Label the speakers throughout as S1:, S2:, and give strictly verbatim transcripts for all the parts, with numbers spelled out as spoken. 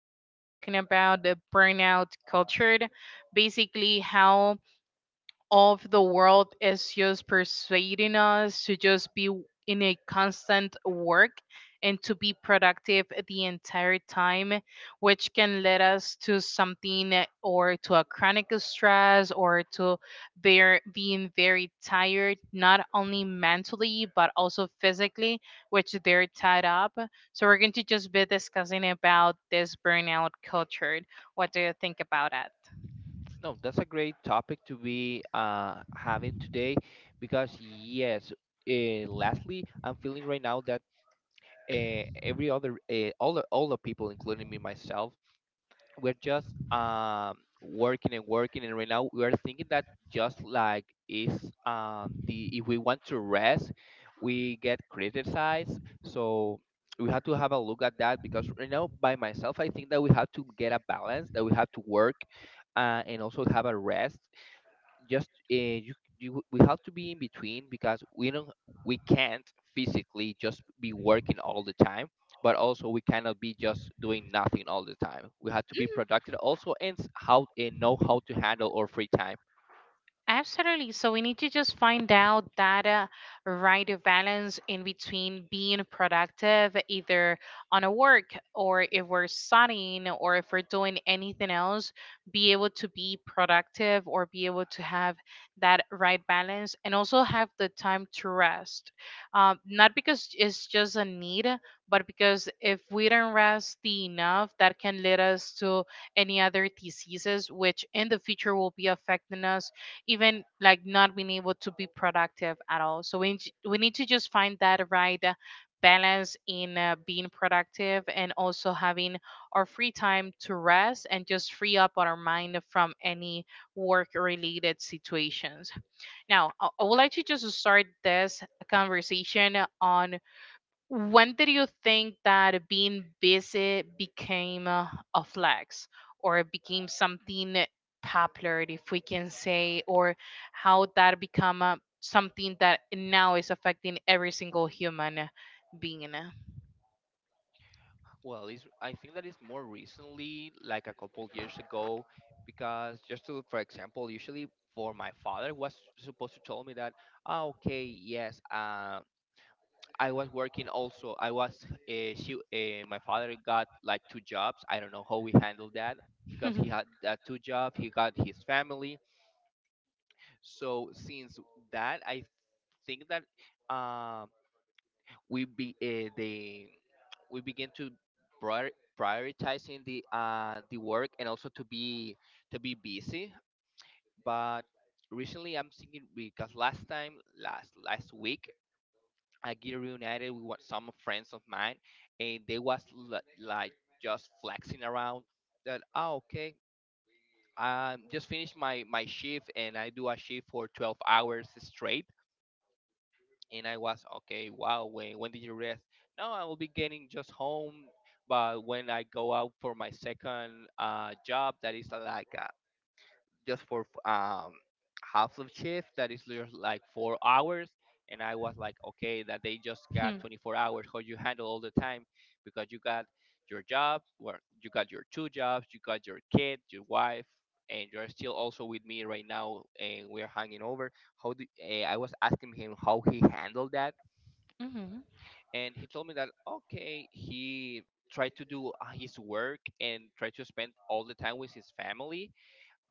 S1: We're going to be talking about the burnout culture, basically how of the world is just persuading us to just be w- in a constant work and to be productive the entire time, which can lead us to something uh, or to a chronic stress or to bear, being very tired, not only mentally but also physically, which they're tied up. So we're going to just be discussing about this burnout culture. What do you think about it?
S2: No, that's a great topic to be uh, having today because yes, uh, lastly, I'm feeling right now that uh, every other uh, all the, all the people, including me myself, we're just um, working and working, and right now we are thinking that just like is um, the if we want to rest we get criticized. So we have to have a look at that, because right now by myself I think that we have to get a balance: that we have to work uh, and also have a rest. Just uh, you, you we have to be in between, because we don't, we can't physically just be working all the time, but also we cannot be just doing nothing all the time. We have to be productive also, and s- how and know how to handle our free time.
S1: Absolutely. So we need to just find out that uh, right balance in between being productive, either on a work or if we're studying or if we're doing anything else, be able to be productive or be able to have that right balance and also have the time to rest. Um, not because it's just a need, but because if we don't rest the enough, that can lead us to any other diseases, which in the future will be affecting us, even like not being able to be productive at all. So we j- we need to just find that right uh, balance in uh, being productive and also having our free time to rest and just free up our mind from any work related situations. Now, I I would like to just start this conversation on, when did you think that being busy became a, a flex, or it became something popular, if we can say, or how that become a, something that now is affecting every single human being?
S2: well it's, I think that is more recently, like a couple years ago, because just to for example usually for my father was supposed to tell me that ah, okay, yes, um I was working also. I was uh, she uh, my father got like two jobs. I don't know how we handled that, because he had that two job. He got his family. So since that, I think that um we be uh, the we begin to prior- prioritizing the uh the work, and also to be, to be busy. But recently, I'm thinking, because last time, last last week I get reunited with what some friends of mine, and they was l- like just flexing around that. Oh, okay. I just finished my my shift, and I do a shift for twelve hours straight. And I was okay. Wow. When when did you rest? No, I will be getting just home. But when I go out for my second uh, job, that is uh, like uh, just for um half of shift, that is just like four hours. And I was like okay, that they just got twenty-four hours, how you handle all the time, because you got your job, well, you got your two jobs, you got your kid, your wife, and you're still also with me right now and we're hanging over. How do uh, I was asking him how he handled that.
S1: Mhm.
S2: And he told me that okay, he tried to do uh, his work and tried to spend all the time with his family.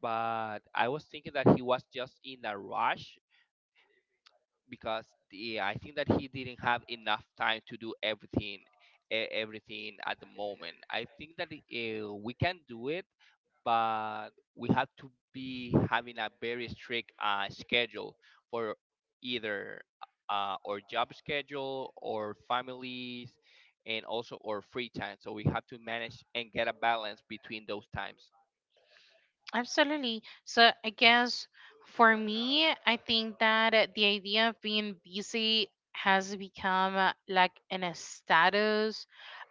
S2: But I was thinking that he was just in a rush, because the, I think that he didn't have enough time to do everything, e- everything at the moment. I think that uh, we can do it, but we have to be having a very strict uh, schedule for either uh, our job schedule or families, and also our free time. So we have to manage and get a balance between those times.
S1: Absolutely. So I guess for me, I think that uh, the idea of being busy has become uh, like an a status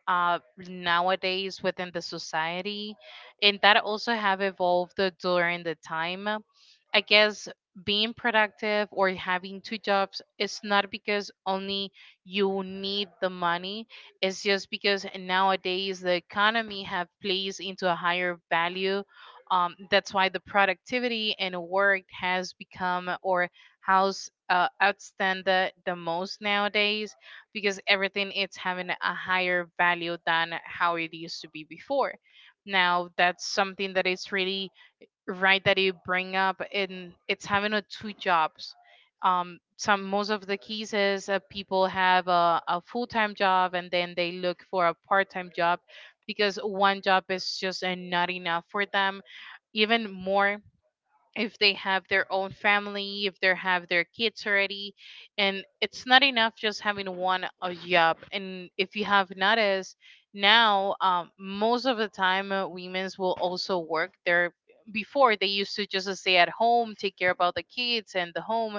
S1: uh, nowadays within the society, and that also have evolved uh, during the time. I guess being productive or having two jobs is not because only you need the money. It's just because nowadays the economy have placed into a higher value, um, that's why the productivity in work has become, or how's uh, outstand the, the most nowadays, because everything it's having a higher value than how it used to be before. Now, that's something that is really right that you bring up, and it's having a two jobs, um some most of the cases, uh, people have a, a full-time job and then they look for a part-time job because one job is just uh, not enough for them, even more if they have their own family, if they have their kids already, and it's not enough just having one uh, job. And if you have noticed, now um, most of the time uh, women's will also work. There before they used to just uh, stay at home, take care about the kids and the home,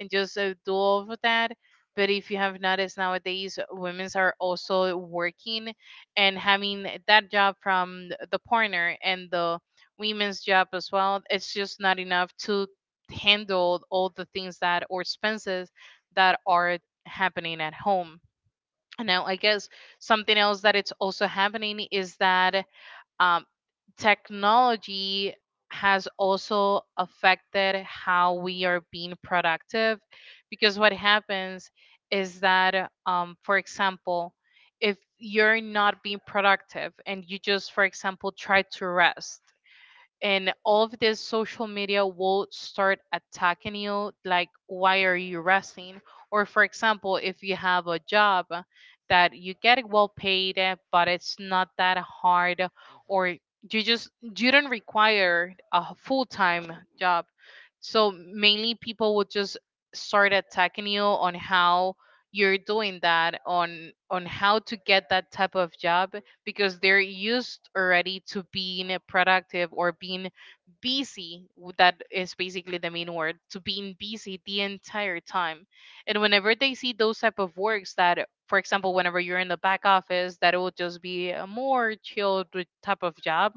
S1: and just uh, do all of that. But if you have noticed nowadays, women's are also working, and having that job from the partner and the women's job as well. It's just not enough to handle all the things that or expenses that are happening at home. Now, I guess something else that it's also happening is that um, technology has also affected how we are being productive, because what happens is that, um, for example, if you're not being productive and you just, for example, try to rest, and all of this social media will start attacking you like why are you resting, or for example if you have a job that you get well paid, eh, but it's not that hard, or you just you don't require a full-time job, so mainly people would just start attacking you on how you're doing that, on on how to get that type of job, because they're used already to being productive or being busy. w- That is basically the main word, to being busy the entire time. And whenever they see those type of works that, for example, whenever you're in the back office, that it will just be a more chilled with type of job,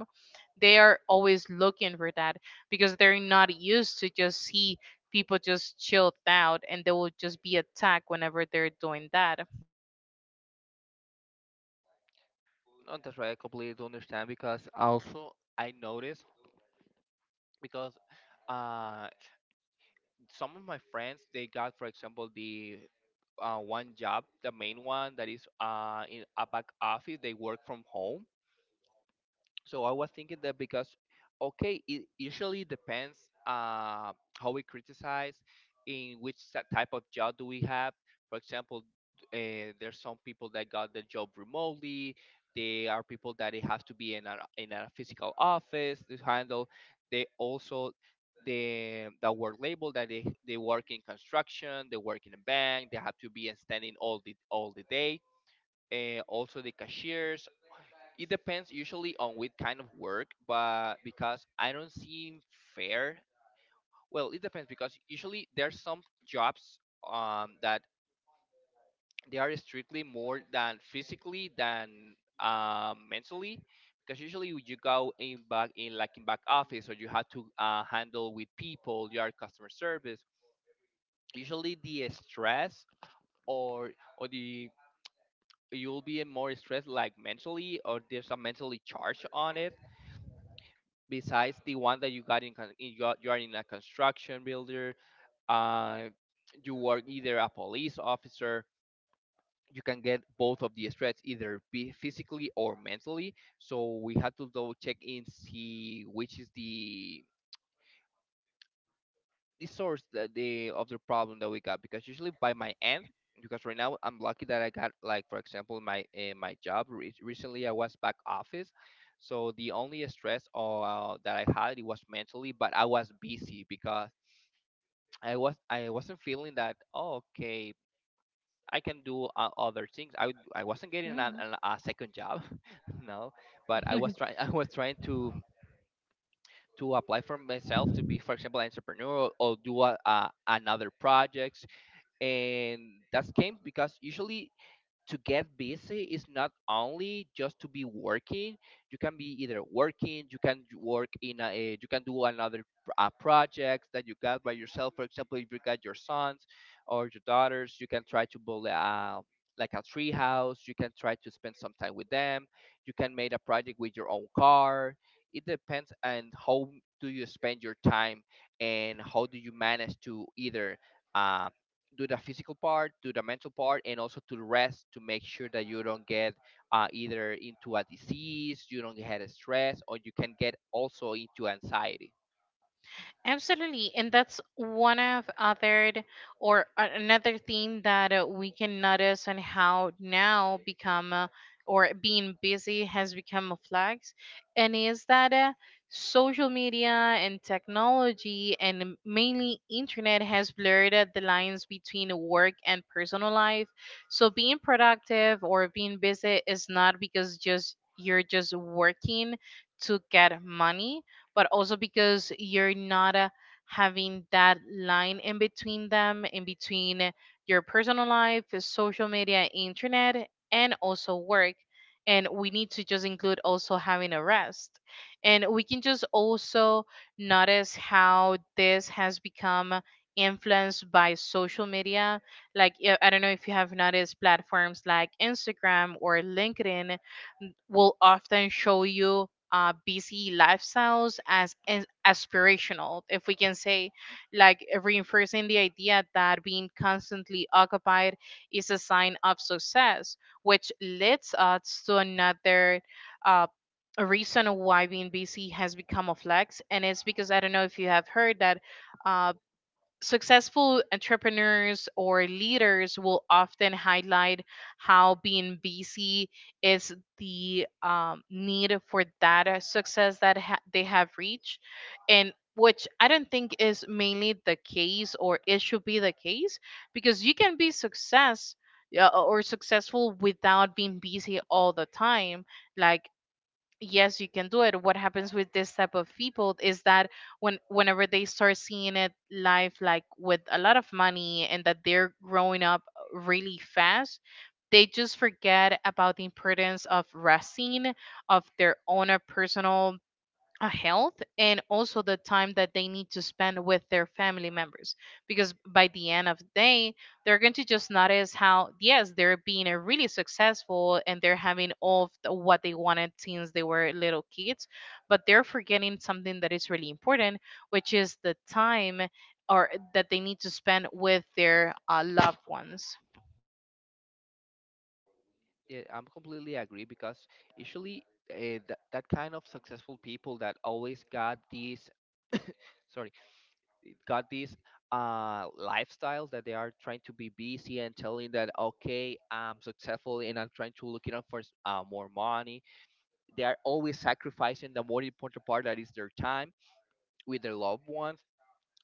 S1: they are always looking for that, because they're not used to just see people just chilled out, and they will just be attacked whenever they're doing that.
S2: No, that's right. I completely understand, because also I noticed, because uh, some of my friends they got, for example, the uh, one job, the main one, that is uh, in a back office. They work from home. So I was thinking that because, okay, it usually depends uh, how we criticize, in which sa- type of job do we have. For example, uh, there's some people that got the job remotely. They are people that it has to be in a in a physical office to handle. They also the the work label, that they, they work in construction, they work in a bank, they have to be standing all the all the day. Uh, also the cashiers, it depends usually on what kind of work. But because I don't seem fair. Well, it depends, because usually there's some jobs um, that they are strictly more than physically than um, mentally. Because usually you go in back in like in back office, or you have to uh, handle with people, you are customer service. Usually the stress, or or the you'll be more stressed, like mentally, or there's a mentally charge on it, besides the one that you got in, con- in you, are, you are in a construction builder, uh, you are either a police officer, you can get both of the stress, either be physically or mentally. So we had to go check in, see which is the the source that the of the problem that we got. Because usually by my end, because right now I'm lucky that I got, like for example my uh, my job re- recently I was back office, so the only stress uh, that I had, it was mentally. But I was busy because I was I wasn't feeling that oh, okay, I can do uh, other things. I w- I wasn't getting a an, a second job. No, but I was trying, I was trying to to apply for myself to be, for example, an entrepreneur, or do a, uh, another project. And that's came because usually to get busy is not only just to be working. You can be either working, you can j- work in a eh, you can do another pr- uh, projects that you got by yourself. For example, if you got your sons or your daughters, you can try to build a like a tree house, you can try to spend some time with them, you can make a project with your own car. It depends on how do you spend your time, and how do you manage to either um, do the physical part, do the mental part, and also to rest, to make sure that you don't get uh, either into a disease, you don't get a stress, or you can get also into anxiety.
S1: Absolutely, and that's one of other or a- another thing that uh, we can notice on how now become uh, or being busy has become a flex, and is that uh, social media and technology and m- mainly internet has blurred uh, the lines between work and personal life. So being productive or being busy is not because just you're just working to get money, but also because you're not uh, having that line in between them, in between your personal life, social media, internet, and also work. And we need to just include also having a rest. And we can just also notice how this has become influenced by social media. Like, yeah, I don't know if you have noticed platforms like Instagram or LinkedIn will often show you uh, busy lifestyles as, as aspirational, if we can say, like reinforcing the idea that being constantly occupied is a sign of success, which leads us to another uh, reason why being busy has become a flex. And it's because I don't know if you have heard that. Uh, Successful entrepreneurs or leaders will often highlight how being busy is the um, need for that uh, success that ha- they have reached, and which I don't think is mainly the case, or it should be the case, because you can be success uh, or successful without being busy all the time. Like, yes you can do it. What happens with this type of people is that when whenever they start seeing it live, like with a lot of money, and that they're growing up really fast, they just forget about the importance of resting, of their own uh, personal uh, health, and also the time that they need to spend with their family members, because by the end of the day they're going to just notice how yes they're being a really successful and they're having all of the- what they wanted since they were little kids, but they're forgetting something that is really important, which is the time or that they need to spend with their uh, loved ones.
S2: Yeah, I'm completely agree, because usually uh, that that kind of successful people that always got these, sorry, got these uh lifestyles, that they are trying to be busy and telling that okay, I'm successful and I'm trying to look it up for s- uh, more money, they are always sacrificing the more important part, that is their time with their loved ones.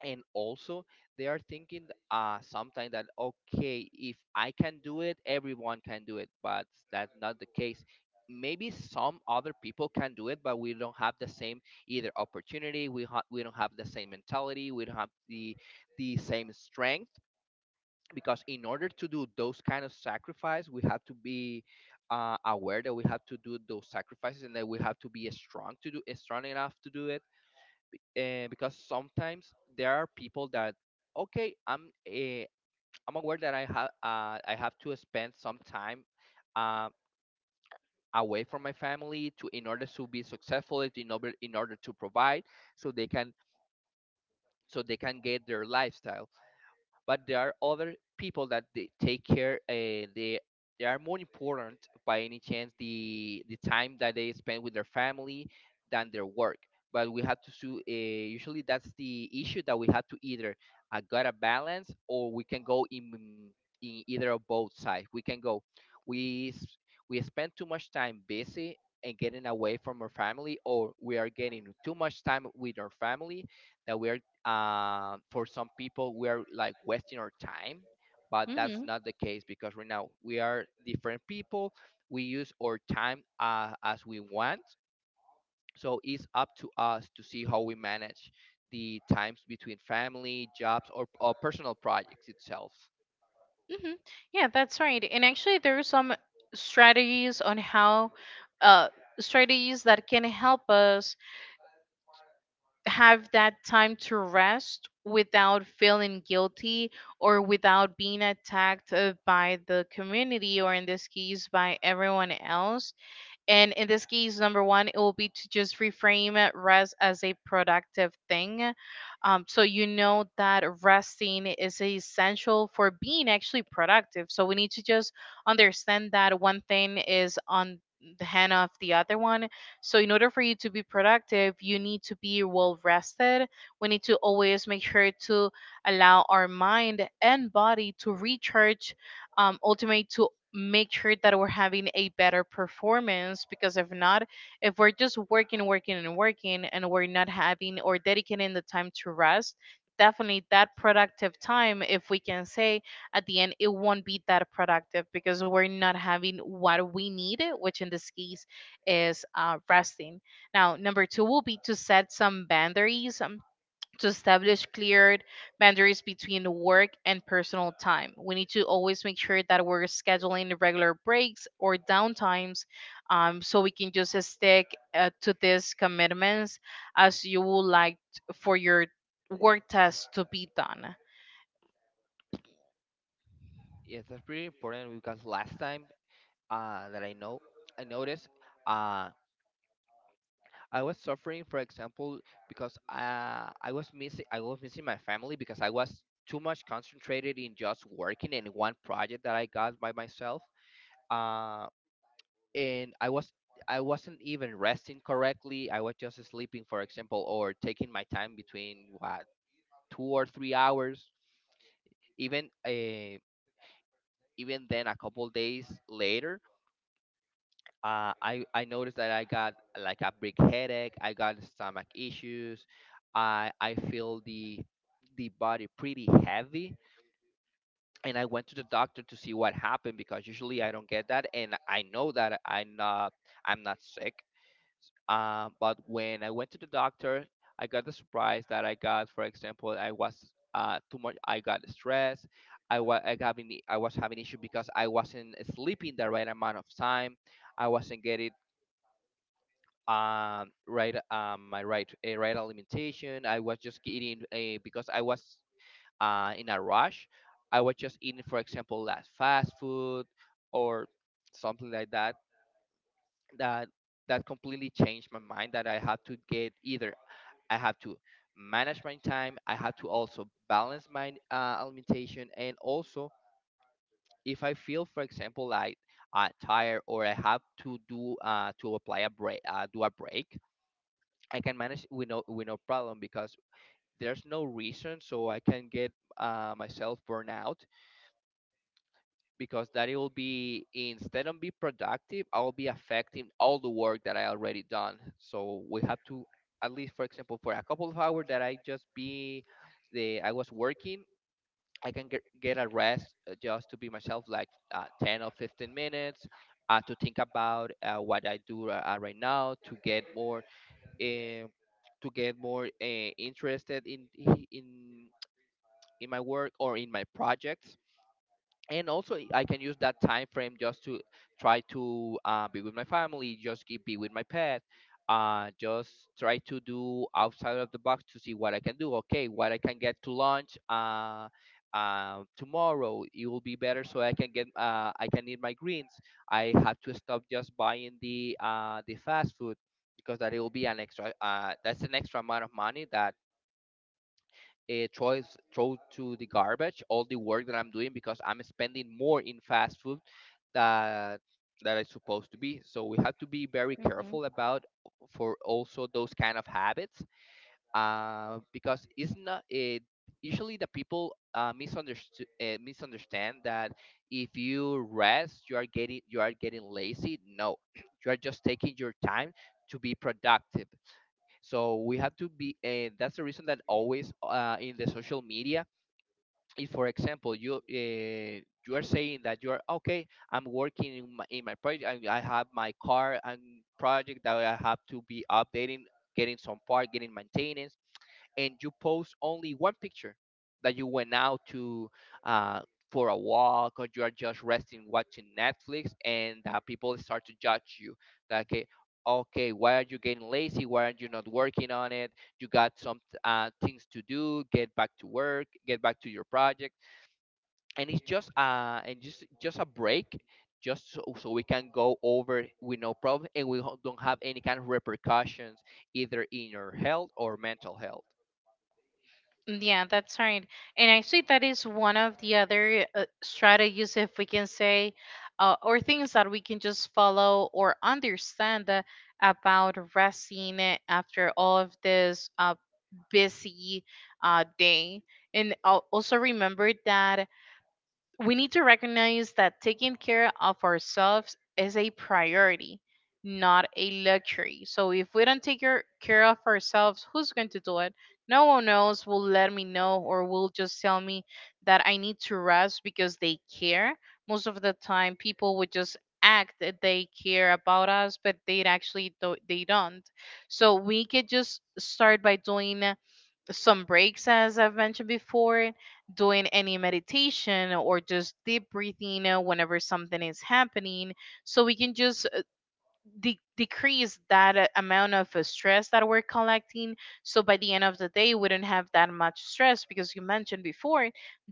S2: And also they are thinking uh sometimes that okay, if I can do it, everyone can do it. But that's not the case. Maybe some other people can do it, but we don't have the same either opportunity, we ha- we don't have the same mentality, we don't have the the same strength. Because in order to do those kind of sacrifice, we have to be uh, aware that we have to do those sacrifices, and that we have to be strong to do, strong enough to do it. Uh, because sometimes there are people that okay, i'm uh, I'm aware that i have uh, I have to spend some time uh, away from my family to, in order to be successful, in order in order to provide, so they can, so they can get their lifestyle. But there are other people that they take care, and they they are more important, by any chance, the the time that they spend with their family, than their work. But we have to sue uh, usually that's the issue, that we have to either uh, got a balance, or we can go in in either of both sides we can go, we s- we spend too much time busy and getting away from our family, or we are getting too much time with our family, that we are uh, for some people we are like wasting our time. But that's
S1: Mm-hmm.
S2: not the case, because right now we are different people. We use our time uh, as we want. So it's up to us to see how we manage the times between family, jobs, or, or personal projects itself.
S1: hmm Yeah, that's right. And actually, there are some strategies on how, uh, strategies that can help us have that time to rest without feeling guilty or without being attacked uh, by the community, or in this case by everyone else. And in this case, number one, it will be to just reframe it, rest as a productive thing. Um, so you know that resting is essential for being actually productive. So we need to just understand that one thing is on the hand of the other one. So in order for you to be productive, you need to be well rested. We need to always make sure to allow our mind and body to recharge, um, ultimate to make sure that we're having a better performance, because if not, if we're just working working and working and we're not having or dedicating the time to rest, definitely that productive time, if we can say, at the end it won't be that productive because we're not having what we need, which in this case is uh, resting. Now, number two will be to set some boundaries. Um, to establish clear boundaries between work and personal time. We need to always make sure that we're scheduling the regular breaks or downtimes, um, so we can just stick uh, to these commitments as you would like t- for your work tasks to be done.
S2: Yes, that's pretty important, because last time uh, that I know I noticed uh, I was suffering, for example, because uh, I was missing I was missing my family because I was too much concentrated in just working in one project that I got by myself. Uh, and I was I wasn't even resting correctly. I was just sleeping, for example, or taking my time between what, two or three hours. Even uh, even then, a couple days later, uh, I I noticed that I got like a big headache. I got stomach issues. I I feel the the body pretty heavy, and I went to the doctor to see what happened, because usually I don't get that, and I know that I'm not, I'm not sick. Uh, but when I went to the doctor, I got the surprise that I got. For example, I was uh, too much. I got stressed. I was I having I was having issue because I wasn't sleeping the right amount of time. I wasn't getting um right um my right a right alimentation. I was just eating a because I was uh in a rush. I was just eating, for example, last fast food or something like that. That that completely changed my mind, that I had to get either I have to manage my time. I have to also balance my uh, alimentation, and also, if I feel, for example, like, uh, tired, or I have to do, uh, to apply a break, uh, do a break I can manage with no with no problem, because there's no reason so I can get uh, myself burned out. Because that, it will be instead of be productive, I'll be affecting all the work that I already done. So we have to, at least, for example, for a couple of hours that I just be the I was working. I can get, get a rest, uh, just to be myself, like, uh, ten or fifteen minutes, uh, to think about, uh, what I do, uh, uh, right now, to get more uh, to get more uh, interested in in in my work or in my projects. And also I can use that time frame just to try to uh, be with my family, just keep- be with my pet, uh, just try to do outside of the box to see what I can do. Okay, what I can get to lunch, uh, uh, tomorrow it will be better, so I can get uh, I can eat my greens. I have to stop just buying the uh, the fast food, because that, it will be an extra, uh, that's an extra amount of money that, uh, throw, is- throw to the garbage all the work that I'm doing, because I'm spending more in fast food that that is supposed to be. So we have to be very careful about, for also those kind of habits, uh, because it's not it. Usually, the people uh, misunderstand uh, misunderstand that if you rest, you are getting you are getting lazy. No, you are just taking your time to be productive. So we have to be, and that's the reason that always, uh, in the social media, if, for example, you uh, you are saying that you are okay, I'm working in my, in my project. I, I have my car and project that I have to be updating, getting some part, getting maintenance, and you post only one picture that you went out to, uh, for a walk, or you are just resting watching Netflix, and uh, people start to judge you, like, okay, okay, why are you getting lazy, why are you not working on it, you got some uh, things to do, get back to work, get back to your project. And it's just, uh and just just a break, just so, so we can go over with no problem, and we ho- don't have any kind of repercussions either in your health or mental health.
S1: Mm, yeah, that's right. And actually, that is one of the other uh, strategies, if we can say, uh, or things that we can just follow or understand uh, about resting uh, after all of this uh, busy uh, day. And I'll also remember that we need to recognize that taking care of ourselves is a priority, not a luxury. So if we don't take your, care of ourselves, who's going to do it? No one else will let me know or will just tell me that I need to rest because they care. Most of the time, people would just act that they care about us, but they actually do- they don't. So we could just start by doing some breaks, as I've mentioned before, doing any meditation or just deep breathing uh, whenever something is happening so we can just de- decrease that uh, amount of uh, stress that we're collecting. So by the end of the day, we don't have that much stress because you mentioned before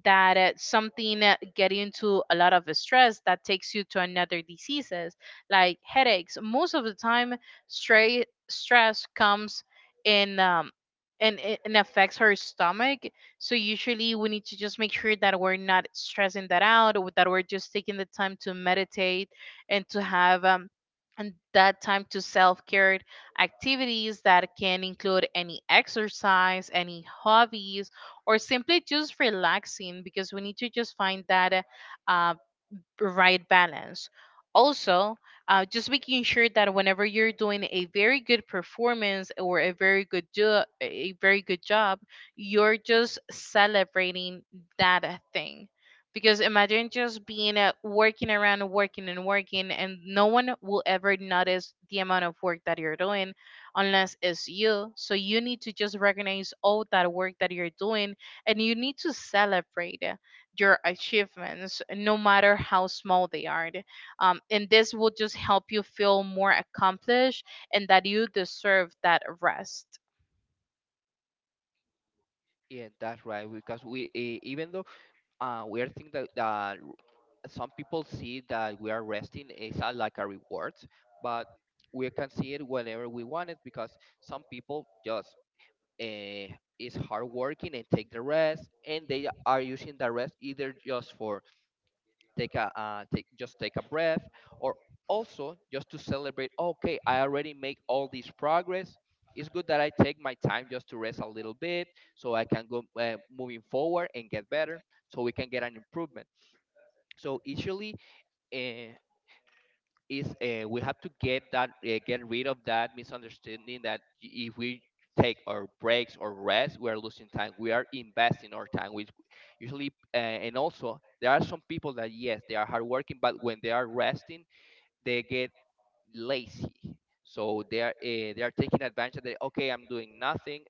S1: that uh, something uh, get into a lot of uh, stress that takes you to another diseases like headaches. Most of the time, stray stress comes in. Um, and it and affects our stomach. So usually we need to just make sure that we're not stressing that out, or that we're just taking the time to meditate and to have um, and that time to self-care activities that can include any exercise any hobbies or simply just relaxing because we need to just find that uh, right balance. Also, uh, just making sure that whenever you're doing a very good performance or a very good jo- a very good job, you're just celebrating that uh, thing. Because imagine just being uh, working around, working and working, and no one will ever notice the amount of work that you're doing unless it's you. So you need to just recognize all that work that you're doing and you need to celebrate your achievements, no matter how small they are. Um, and this will just help you feel more accomplished and that you deserve that rest.
S2: Yeah, that's right. Because we, eh, even though, uh, we are thinking that, that some people see that we are resting is a, like a reward, but we can see it whenever we want it, because some people just uh, is hard working and take the rest, and they are using the rest either just for take a uh, take just take a breath, or also just to celebrate, okay, I already make all this progress. It's good that I take my time just to rest a little bit, so I can go uh, moving forward and get better, so we can get an improvement. So usually, uh, is uh, we have to get that uh, get rid of that misunderstanding, that y- if we take our breaks or rest, we are losing time, we are investing our time, which, usually, uh, and also there are some people that, yes, they are hardworking, but when they are resting, they get lazy, so they are uh, they are taking advantage of that. Okay, I'm doing nothing.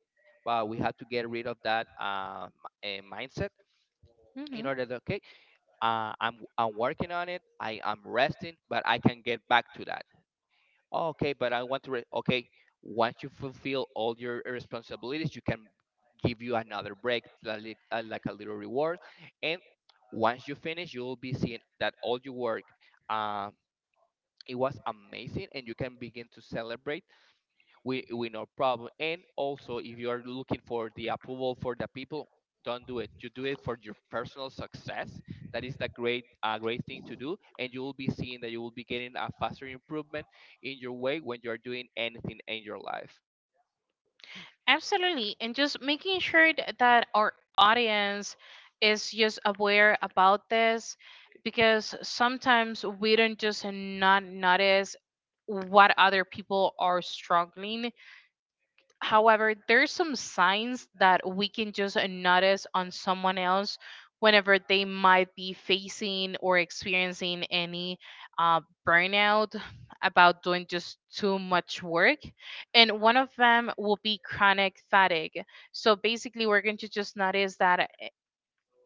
S2: But we have to get rid of that uh, m- uh, mindset, in
S1: Mm-hmm.
S2: order that, okay, uh, I'm I'm working on it. I am resting, but I can get back to that. Oh, okay, but I want to. Re- okay, once you fulfill all your responsibilities, you can give you another break, like, uh, like a little reward. And once you finish, you'll be seeing that all your work, um, it was amazing, and you can begin to celebrate, we we no problem. And also, if you are looking for the approval for the people, don't do it. You do it for your personal success. That is the great uh, great thing to do, and you will be seeing that you will be getting a faster improvement in your way when you are doing anything in your life.
S1: Absolutely. And just making sure th- that our audience is just aware about this because sometimes we don't just not notice what other people are struggling. However, there's some signs that we can just notice on someone else whenever they might be facing or experiencing any uh, burnout about doing just too much work. And one of them will be chronic fatigue. So basically, we're going to just notice that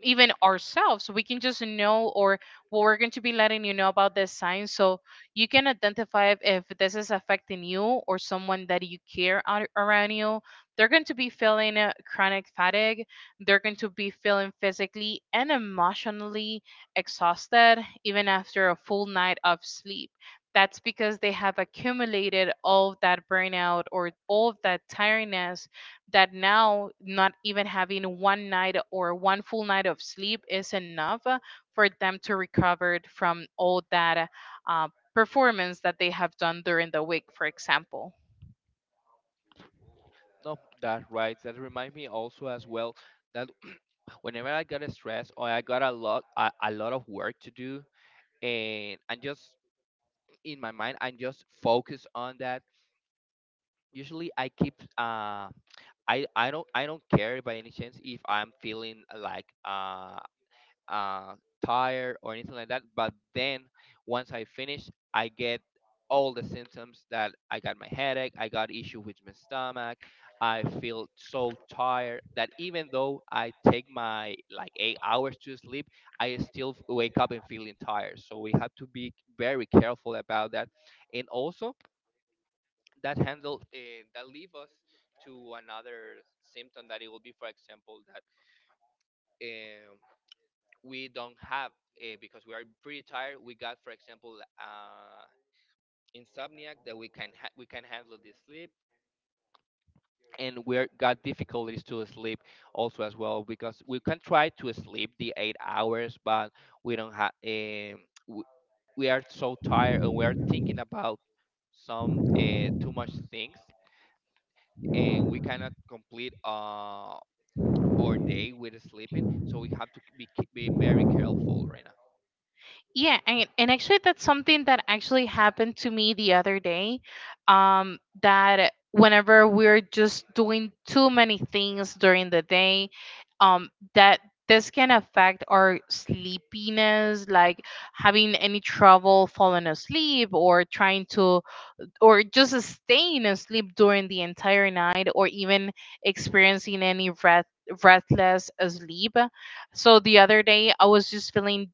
S1: even ourselves. We can just know or what we're going to be letting you know about this sign so you can identify if this is affecting you or someone that you care ar- around you. They're going to be feeling uh, chronic fatigue. They're going to be feeling physically and emotionally exhausted even after a full night of sleep. That's because they have accumulated all of that burnout or all of that tiredness that now not even having one night or one full night of sleep is enough uh, for them to recover from all that uh, performance that they have done during the week, for example.
S2: No, that right. That remind me also as well that whenever I got stressed or I got a lot, a, a lot of work to do, and I'm just in my mind, I'm just focused on that. Usually, I keep uh I I don't I don't care by any chance if I'm feeling, uh, like, uh uh tired or anything like that. But then once I finish, I get all the symptoms that I got my headache, I got issue with my stomach, I feel so tired that, even though I take my like eight hours to sleep, I still wake up and feeling tired. So we have to be very careful about that. And also that handle, uh, that leave us to another symptom that it will be, for example, that, um, we don't have, uh, because we are pretty tired, we got, for example, uh, insomnia, that we can ha- we can handle the sleep, and we are got difficulties to sleep, also as well because we can try to sleep the eight hours but we don't have, um, we, we are so tired and we are thinking about some uh, too much things, and we cannot complete, uh, or day with sleeping. So we have to be be very careful right now.
S1: Yeah, and, and actually that's something that actually happened to me the other day. Um, that whenever we're just doing too many things during the day, um, that this can affect our sleepiness, like having any trouble falling asleep or trying to or just staying asleep during the entire night or even experiencing any breath breathless sleep. So the other day I was just feeling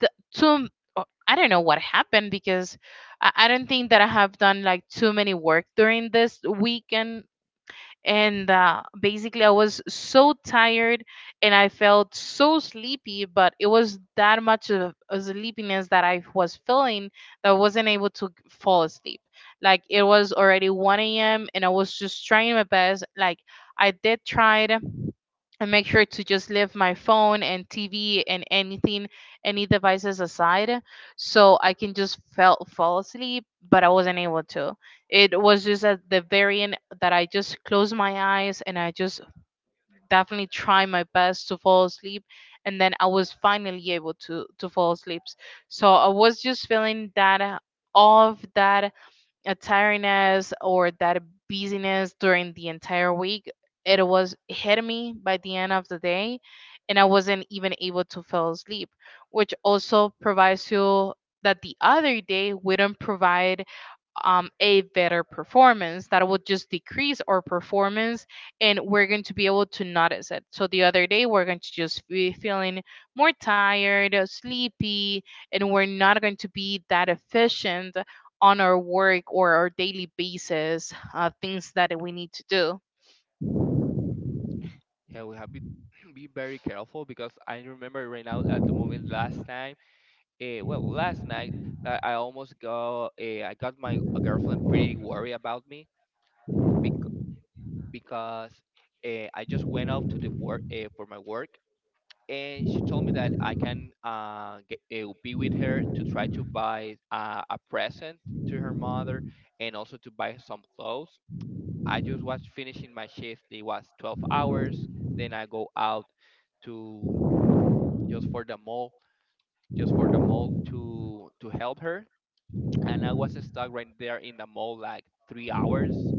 S1: the, too uh, I don't know what happened because I, I don't think that I have done like too many work during this weekend and uh, basically I was so tired and I felt so sleepy, but it was that much of a sleepiness that I was feeling that I wasn't able to fall asleep. Like it was already one a m and I was just trying my best. Like I did try to and make sure to just leave my phone and tv and anything, any devices aside, so I can just felt fall asleep, but I wasn't able to. It was just at the very end that I just closed my eyes and I just definitely tried my best to fall asleep. And then I was finally able to, to fall asleep. So I was just feeling that uh, all of that uh, tiredness or that busyness during the entire week. It was hit me by the end of the day, and I wasn't even able to fall asleep, which also provides you that the other day we don't provide um, a better performance that will just decrease our performance, and we're going to be able to notice it. So the other day we're going to just be feeling more tired, uh, sleepy, and we're not going to be that efficient on our work or our daily basis uh, things that we need to
S2: Yeah, we have to be very careful because I remember right now at the moment last time. Uh, well, last night, I, I almost got uh, I got my girlfriend pretty worried about me, bec- because, uh, I just went out to the work, uh, for my work. And she told me that I can, uh, get, uh, be with her to try to buy, uh, a present to her mother, and also to buy some clothes. I just was finishing my shift. It was twelve hours. Then I go out to, just for the mall, just for the mall, to to help her. And I was stuck right there in the mall like three hours.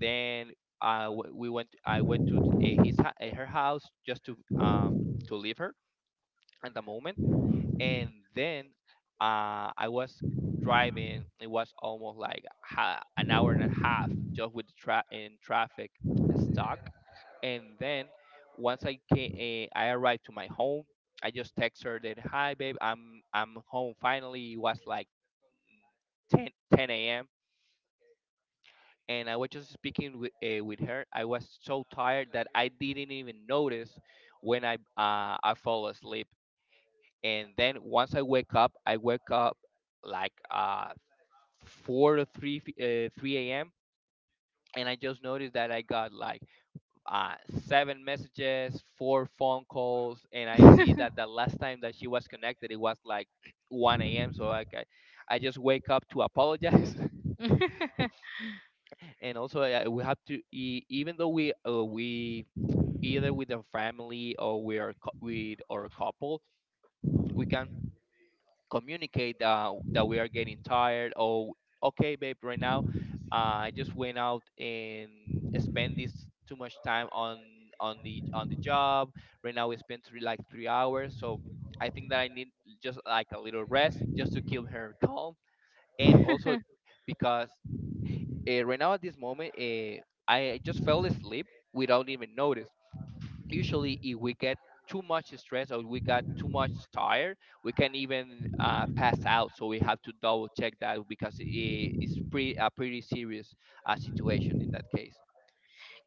S2: Then I w- we went. I went to, uh, his hou- uh, her house, just to, um to leave her at the moment. And then, uh, I was driving. It was almost like, ha- an hour and a half, just with the tra- in traffic, stuck. And then once I came, uh, I arrived to my home. I just text her that, "Hi, babe, I'm I'm home finally." It was like ten ten a.m., and I was just speaking with uh, with her. I was so tired that I didn't even notice when I uh, I fall asleep. And then once I wake up, I wake up like, uh, four or three f- uh, three a.m., and I just noticed that I got like, uh, seven messages, four phone calls, and I
S1: do.
S2: see that the last time that she was connected, it was like one a m. So like I, I just wake up to apologize, and also, uh, we have to, e- even though we uh, we either with a family, or we are cou- with or a couple, we can communicate that that we are getting tired, or, okay babe, right now, uh, I just went out and spent this too much time on on the on the job. Right now we spent three, like, three hours, so I think that I need just like a little rest, just to keep her calm. And also, because uh, right now at this moment, uh, I just fell asleep without even notice. Usually, if we get too much stress or we got too much tired, we can even uh, pass out, so we have to double check that, because i- it's pretty a pretty serious uh, situation in that case.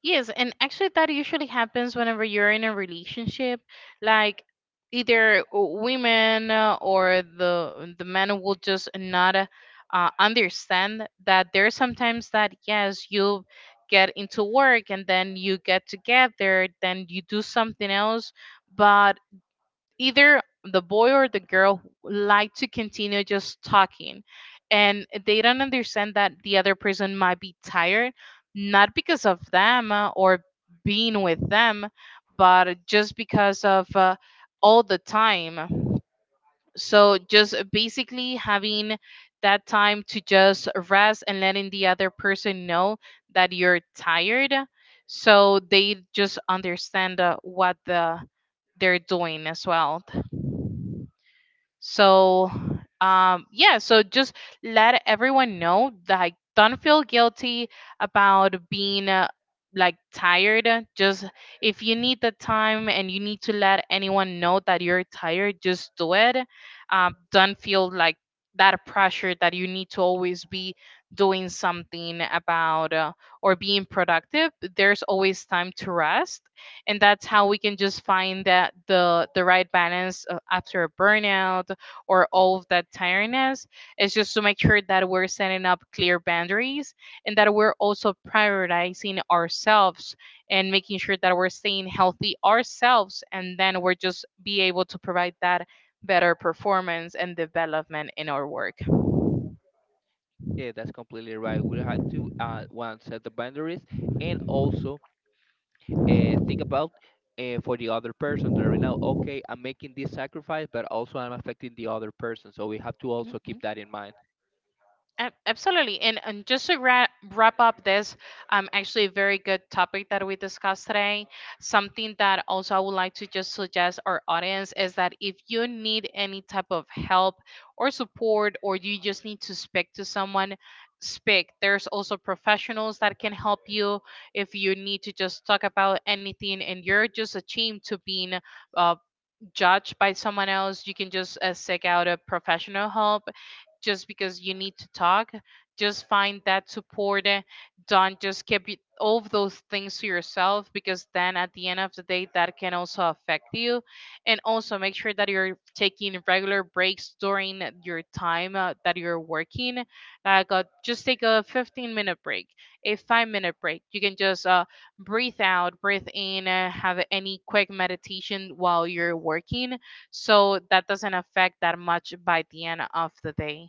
S1: Yes, and actually, that usually happens whenever you're in a relationship. Like, either w- women uh, or the the men will just not uh, uh, understand that there's sometimes that yes, you get into work and then you get together, then you do something else, but either the boy or the girl like to continue just talking and they don't understand that the other person might be tired, not because of them uh, or being with them, but just because of uh, all the time. So just basically having that time to just rest and letting the other person know that you're tired, so they just understand uh, what the they're doing as well. So, um, yeah, so just let everyone know that, like, don't feel guilty about being uh, like tired. Just if you need the time and you need to let anyone know that you're tired, just do it. Um, don't feel like that pressure that you need to always be doing something about uh, or being productive. There's always time to rest, and that's how we can just find that the the right balance uh, after a burnout or all of that tiredness is just to make sure that we're setting up clear boundaries and that we're also prioritizing ourselves and making sure that we're staying healthy ourselves and then we're just be able to provide that better performance and development in our work.
S2: Yeah, that's completely right. We have to, uh, one, set the boundaries, and also uh, think about, uh, for the other person, that right now, okay, I'm making this sacrifice, but also I'm affecting the other person, so we have to also keep that in mind.
S1: Ab- Absolutely. And, and just to wrap, wrap up this, um, actually a very good topic that we discussed today. Something that also I would like to just suggest our audience is that if you need any type of help or support, or you just need to speak to someone, speak. There's also professionals that can help you if you need to just talk about anything and you're just ashamed to being uh, judged by someone else. You can just uh, seek out a professional help just because you need to talk. Just find that support. uh, Don't just keep it, all of those things to yourself, because then at the end of the day, that can also affect you. And also make sure that you're taking regular breaks during your time uh, that you're working. Like uh, just take a fifteen minute break, a five minute break. You can just uh, breathe out, breathe in, uh, have any quick meditation while you're working so that doesn't affect that much by the end of the day.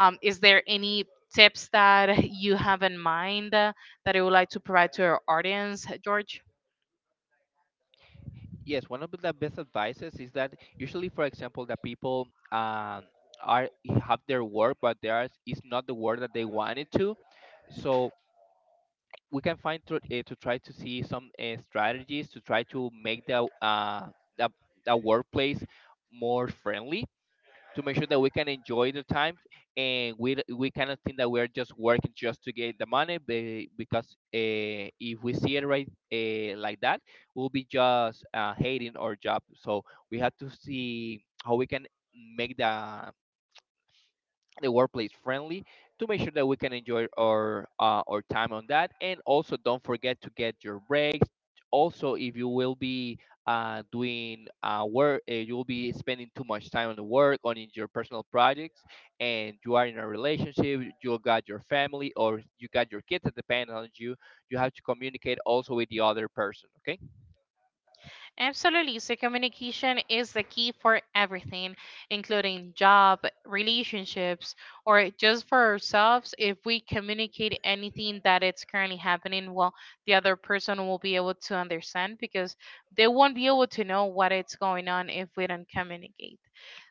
S1: Um, is there any tips that you have in mind uh, that you would like to provide to our audience, George?
S2: Yes, one of the best advices is that, usually, for example, that people, um, are have their work, but there is is not the work that they wanted to, so we can find to, uh, to try to see some uh, strategies to try to make the uh, the, the workplace more friendly, to make sure that we can enjoy the time, and we d- we cannot think that we're just working just to get the money, be- because, uh, if we see it right, uh, like that, we'll be just uh, hating our job, so we have to see how we can make the the workplace friendly, to make sure that we can enjoy our uh, our time on that, and also don't forget to get your breaks. Also, if you will be uh, doing uh, work, uh, you will be spending too much time on the work, on, in your personal projects, and you are in a relationship, you got your family, or you got your kids that depend on you you have to communicate also with the other person, okay.
S1: Absolutely. So, communication is the key for everything, including job, relationships, or just for ourselves. If we communicate anything that it's currently happening, well, the other person will be able to understand, because they won't be able to know what it's going on if we don't communicate.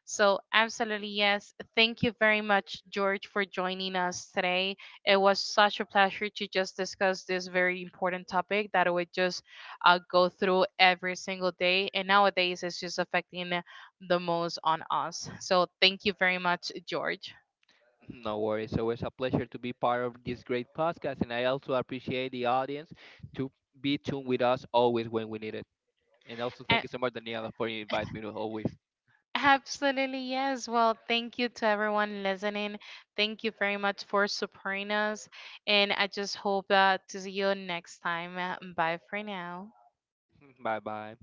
S1: So, absolutely, yes. Thank you very much, George, for joining us today. It was such a pleasure to just discuss this very important topic that we just uh, go through every single day. And nowadays, it's just affecting the most on us. So, thank you very much, George.
S2: No worries. Always a pleasure to be part of this great podcast, and I also appreciate the audience to be tuned with us always when we need it. And also,
S1: A-
S2: thank you so much, Daniela, for inviting me to always.
S1: Absolutely, yes. Well, thank you to everyone listening. Thank you very much for supporting us. And I just hope uh, to see you next time. Bye for now.
S2: Bye bye.